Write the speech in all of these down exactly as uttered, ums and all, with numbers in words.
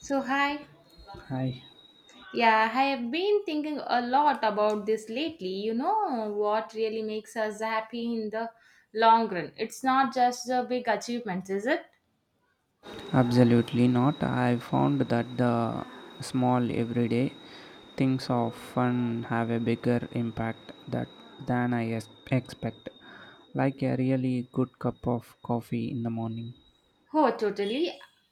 So, hi. Hi. Yeah, I have been thinking a lot about this lately. You know what really makes us happy in the long run? It's not just the big achievements, is it? Absolutely not. I found that the small everyday things often have a bigger impact that than I es- expect, like a really good cup of coffee in the morning. Oh, totally.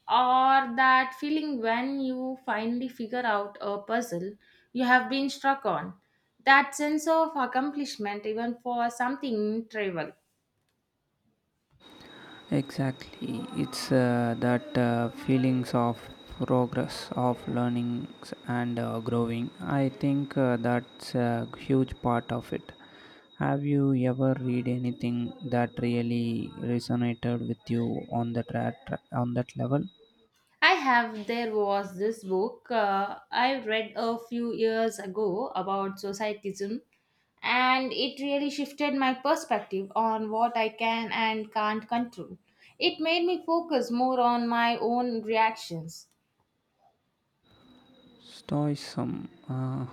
Or that feeling when you finally figure out a puzzle you have been struck on. That sense of accomplishment, even for something trivial. Exactly. It's uh, that uh, feelings of progress, of learnings, and uh, growing. I think uh, that's a huge part of it. Have you ever read anything that really resonated with you on that ra- tra- on that level? I have. There was this book uh, I read a few years ago about societism, and it really shifted my perspective on what I can and can't control. It made me focus more on my own reactions. Stoicism. Uh,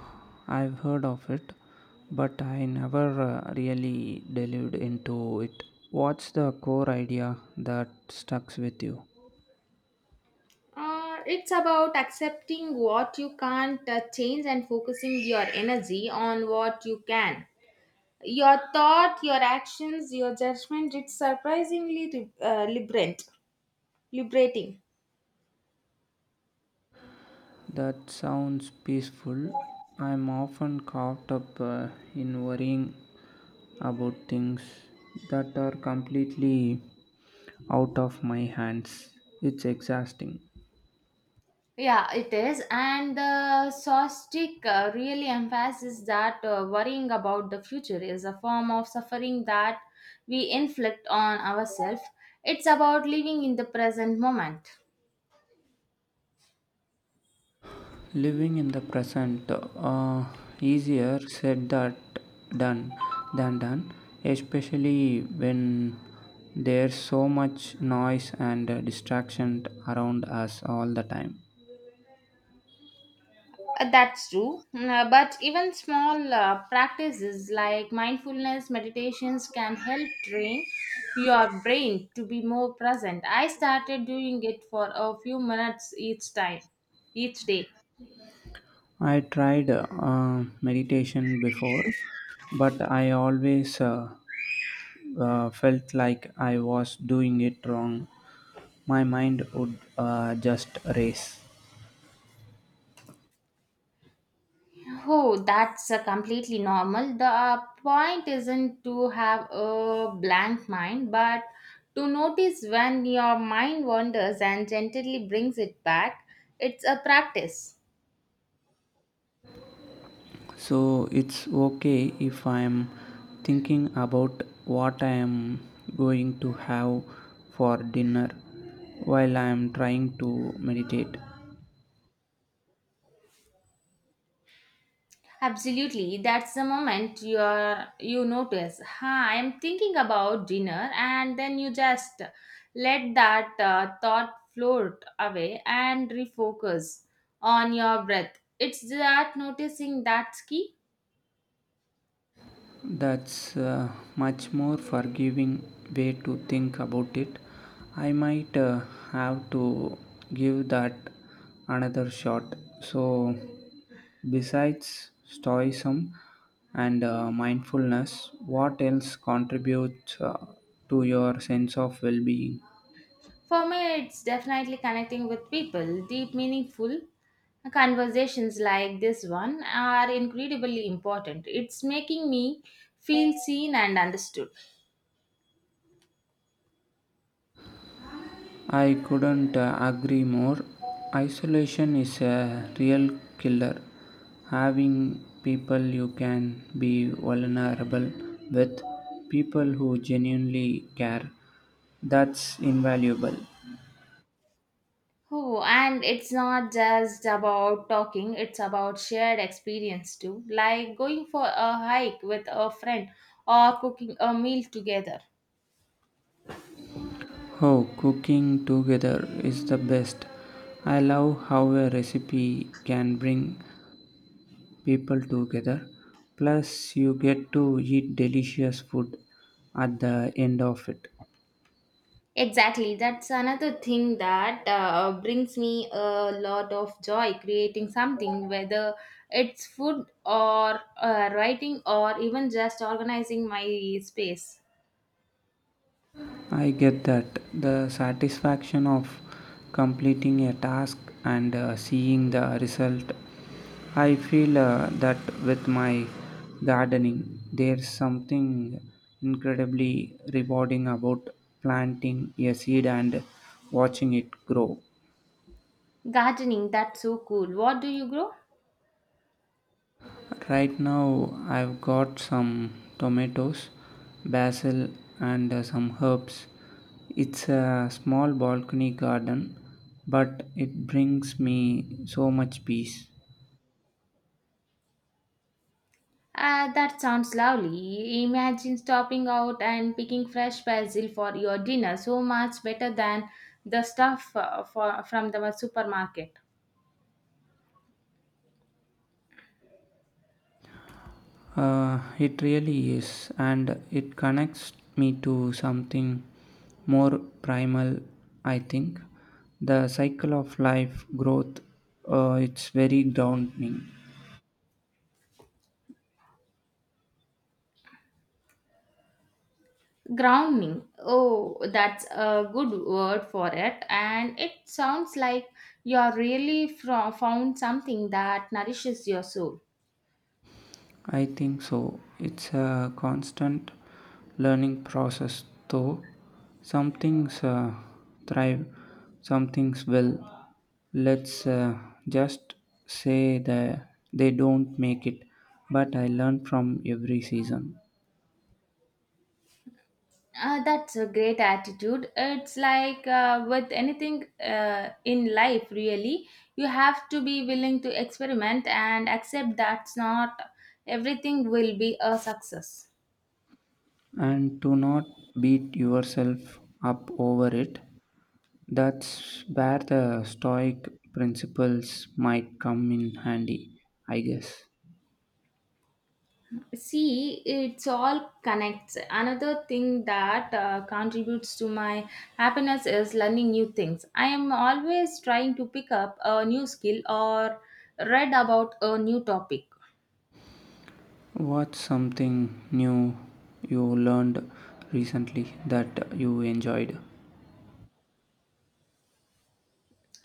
I've heard of it, but I never uh, really delved into it. What's the core idea that stucks with you? Uh, it's about accepting what you can't uh, change and focusing your energy on what you can. Your thought, your actions, your judgment, it's surprisingly re- uh, liberant, liberating. That sounds peaceful. I'm often caught up uh, in worrying about things that are completely out of my hands. It's exhausting. Yeah, it is. And the Sostic uh, really emphasizes that uh, worrying about the future is a form of suffering that we inflict on ourselves. It's about living in the present moment. Living in the present, uh, easier said that done than done, especially when there's so much noise and uh, distraction around us all the time. Uh, That's true. Mm, uh, But even small uh, practices like mindfulness meditations can help train your brain to be more present. I started doing it for a few minutes each time, each day. I tried uh, meditation before, but I always uh, uh, felt like I was doing it wrong. My mind would uh, just race. Oh, that's uh, completely normal. The uh, point isn't to have a blank mind, but to notice when your mind wanders and gently brings it back. It's a practice. So it's okay if I'm thinking about what I am going to have for dinner while I am trying to meditate. Absolutely. That's the moment you are, you notice, huh, I'm thinking about dinner, and then you just let that uh, thought float away and refocus on your breath. It's that noticing that's key. that's uh, much more forgiving way to think about it. I might uh, have to give that another shot. So besides stoicism and uh, mindfulness, what else contributes uh, to your sense of well-being? For me, it's definitely connecting with people. Deep, meaningful conversations like this one are incredibly important. It's making me feel seen and understood. I couldn't uh, agree more. Isolation is a real killer. Having people you can be vulnerable with, people who genuinely care, that's invaluable. Oh, and it's not just about talking, it's about shared experience too, like going for a hike with a friend or cooking a meal together. Oh, cooking together is the best. I love how a recipe can bring people together. Plus, you get to eat delicious food at the end of it. Exactly. That's another thing that uh, brings me a lot of joy creating something, whether it's food or uh, writing or even just organizing my space. I get that. The satisfaction of completing a task and uh, seeing the result. I feel uh, that with my gardening, there's something incredibly rewarding about planting a seed and watching it grow. Gardening, that's so cool. What do you grow? Right now, I've got some tomatoes, basil, and uh, some herbs. It's a small balcony garden, but it brings me so much peace. Uh, that sounds lovely. Imagine stopping out and picking fresh basil for your dinner. So much better than the stuff uh, for, from the supermarket. Uh, it really is, and it connects me to something more primal, I think. The cycle of life, growth, uh, it's very grounding. Grounding. Oh, that's a good word for it. And it sounds like you're really fro- found something that nourishes your soul. I think so. It's a constant learning process, though. Some things uh, thrive, some things will. Let's uh, just say that they don't make it, but I learn from every season. Uh, that's a great attitude. It's like uh, with anything uh, in life, really, you have to be willing to experiment and accept that's not everything will be a success. And to not beat yourself up over it, that's where the Stoic principles might come in handy, I guess. See, it's all connects. Another thing that uh, contributes to my happiness is learning new things. I am always trying to pick up a new skill or read about a new topic. What's something new you learned recently that you enjoyed?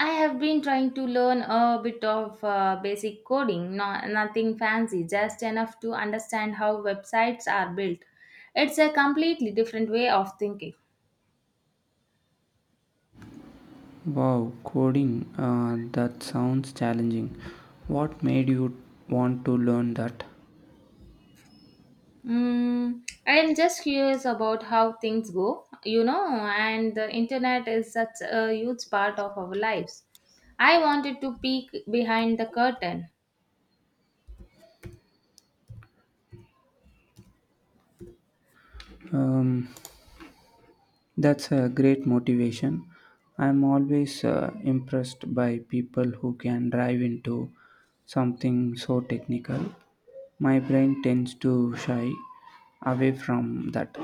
I have been trying to learn a bit of uh, basic coding, no, nothing fancy, just enough to understand how websites are built. It's a completely different way of thinking. Wow, coding, uh, that sounds challenging. What made you want to learn that? Mm, I am just curious about how things go, you know, and the internet is such a huge part of our lives. I wanted to peek behind the curtain. Um, that's a great motivation. I'm always uh, impressed by people who can dive into something so technical. My brain tends to shy away from that.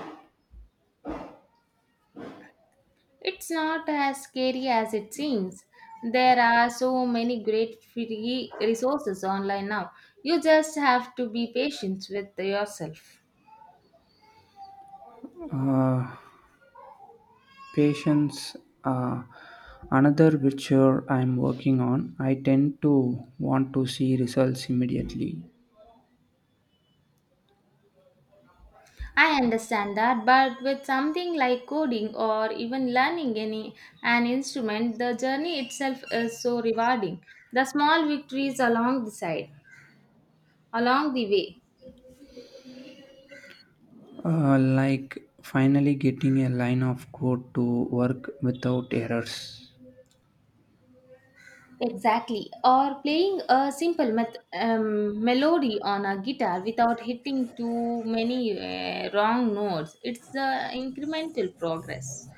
It's not as scary as it seems. There are so many great free resources online now. You just have to be patient with yourself. Uh, Patience, uh, another virtue I'm working on. I tend to want to see results immediately, I understand that, but with something like coding or even learning any an instrument, the journey itself is so rewarding. The small victories along the side, along the way, uh, like finally getting a line of code to work without errors. exactly. Or playing a simple met- um, melody on a guitar without hitting too many uh, wrong notes. It's the incremental progress.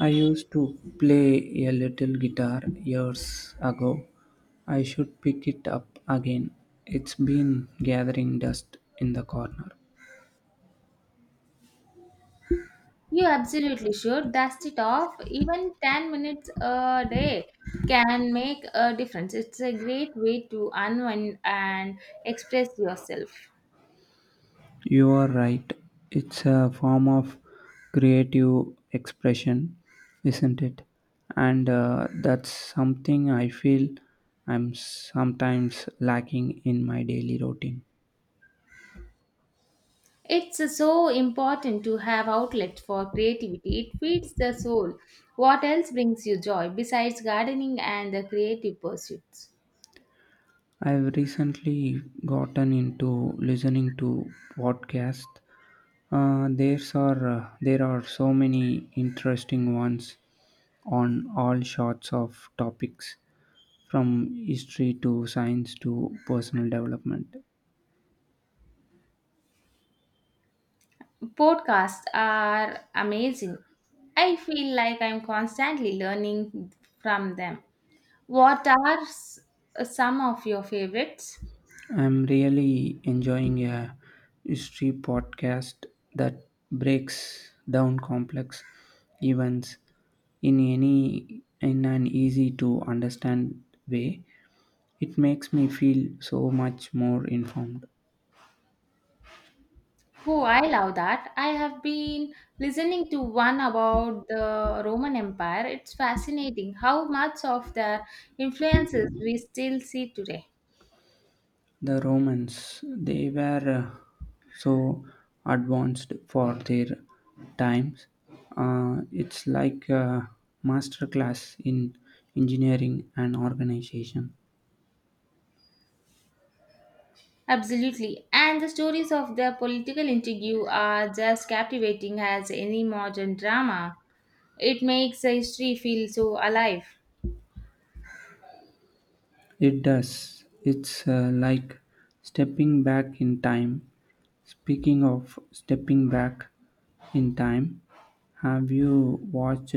I used to play a little guitar years ago. I should pick it up again. It's been gathering dust in the corner. You absolutely should dust it off. Even ten minutes a day can make a difference. It's a great way to unwind and express yourself. You are right. It's a form of creative expression, isn't it? And uh, that's something I feel I'm sometimes lacking in my daily routine. It's uh, so important to have outlet for creativity. It feeds the soul. What else brings you joy besides gardening and the creative pursuits? I've recently gotten into listening to podcasts. Uh, there's are uh, there are so many interesting ones on all sorts of topics, from history to science to personal development. Podcasts are amazing. I feel like I'm constantly learning from them. What are s- some of your favorites? I'm really enjoying a history podcast that breaks down complex events in any in an easy to understand way. It makes me feel so much more informed. Oh, I love that. I have been listening to one about the Roman Empire. It's fascinating how much of their influences we still see today. The Romans, they were uh, so advanced for their times. Uh, it's like a master class in engineering and organization. Absolutely. And the stories of their political intrigue are just captivating as any modern drama. It makes the history feel so alive. It does. It's uh, like stepping back in time. Speaking of stepping back in time, have you watched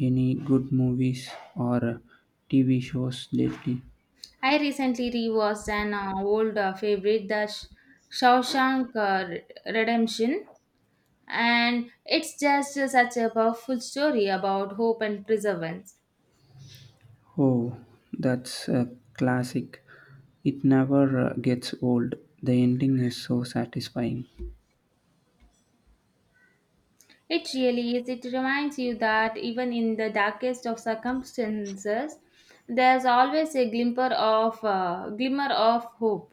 any good movies or T V shows lately? I recently rewatched an uh, old uh, favorite, The Sh- Shawshank uh, Redemption, and it's just such a powerful story about hope and perseverance. Oh, that's a classic. It never uh, gets old. The ending is so satisfying. It really is. It reminds you that even in the darkest of circumstances, there's always a glimmer of uh, glimmer of hope.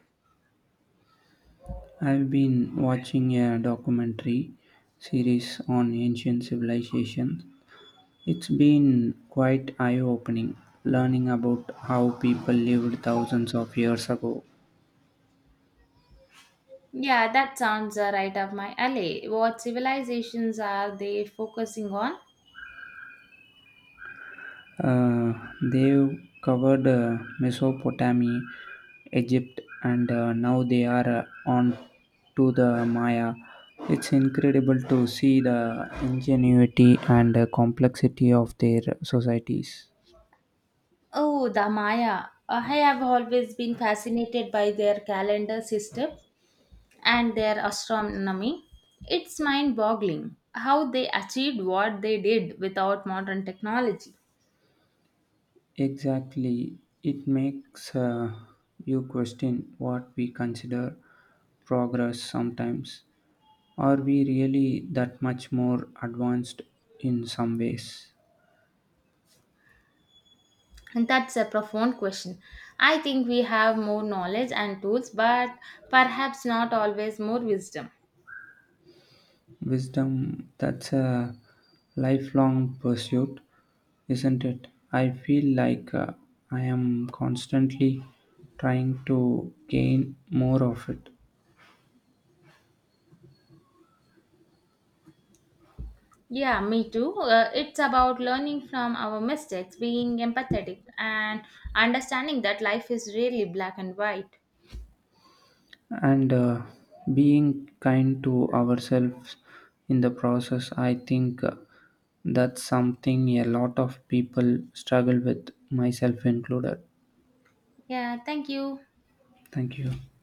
I've been watching a documentary series on ancient civilizations. It's been quite eye-opening learning about how people lived thousands of years ago. Yeah, that sounds uh, right up my alley. What civilizations are they focusing on? Uh, they've covered uh, Mesopotamia, Egypt, and uh, now they are uh, on to the Maya. It's incredible to see the ingenuity and uh, complexity of their societies. Oh, the Maya. Uh, I have always been fascinated by their calendar system and their astronomy. It's mind boggling how they achieved what they did without modern technology. Exactly. It makes uh, you question what we consider progress sometimes. Are we really that much more advanced in some ways? And that's a profound question. I think we have more knowledge and tools, but perhaps not always more wisdom. Wisdom, that's a lifelong pursuit, isn't it? I feel like uh, I am constantly trying to gain more of it, Yeah, me too. Uh, it's about learning from our mistakes, being empathetic, and understanding that life is really black and white. and uh, being kind to ourselves in the process. I think uh, that's something a lot of people struggle with, myself included. Yeah, thank you. Thank you.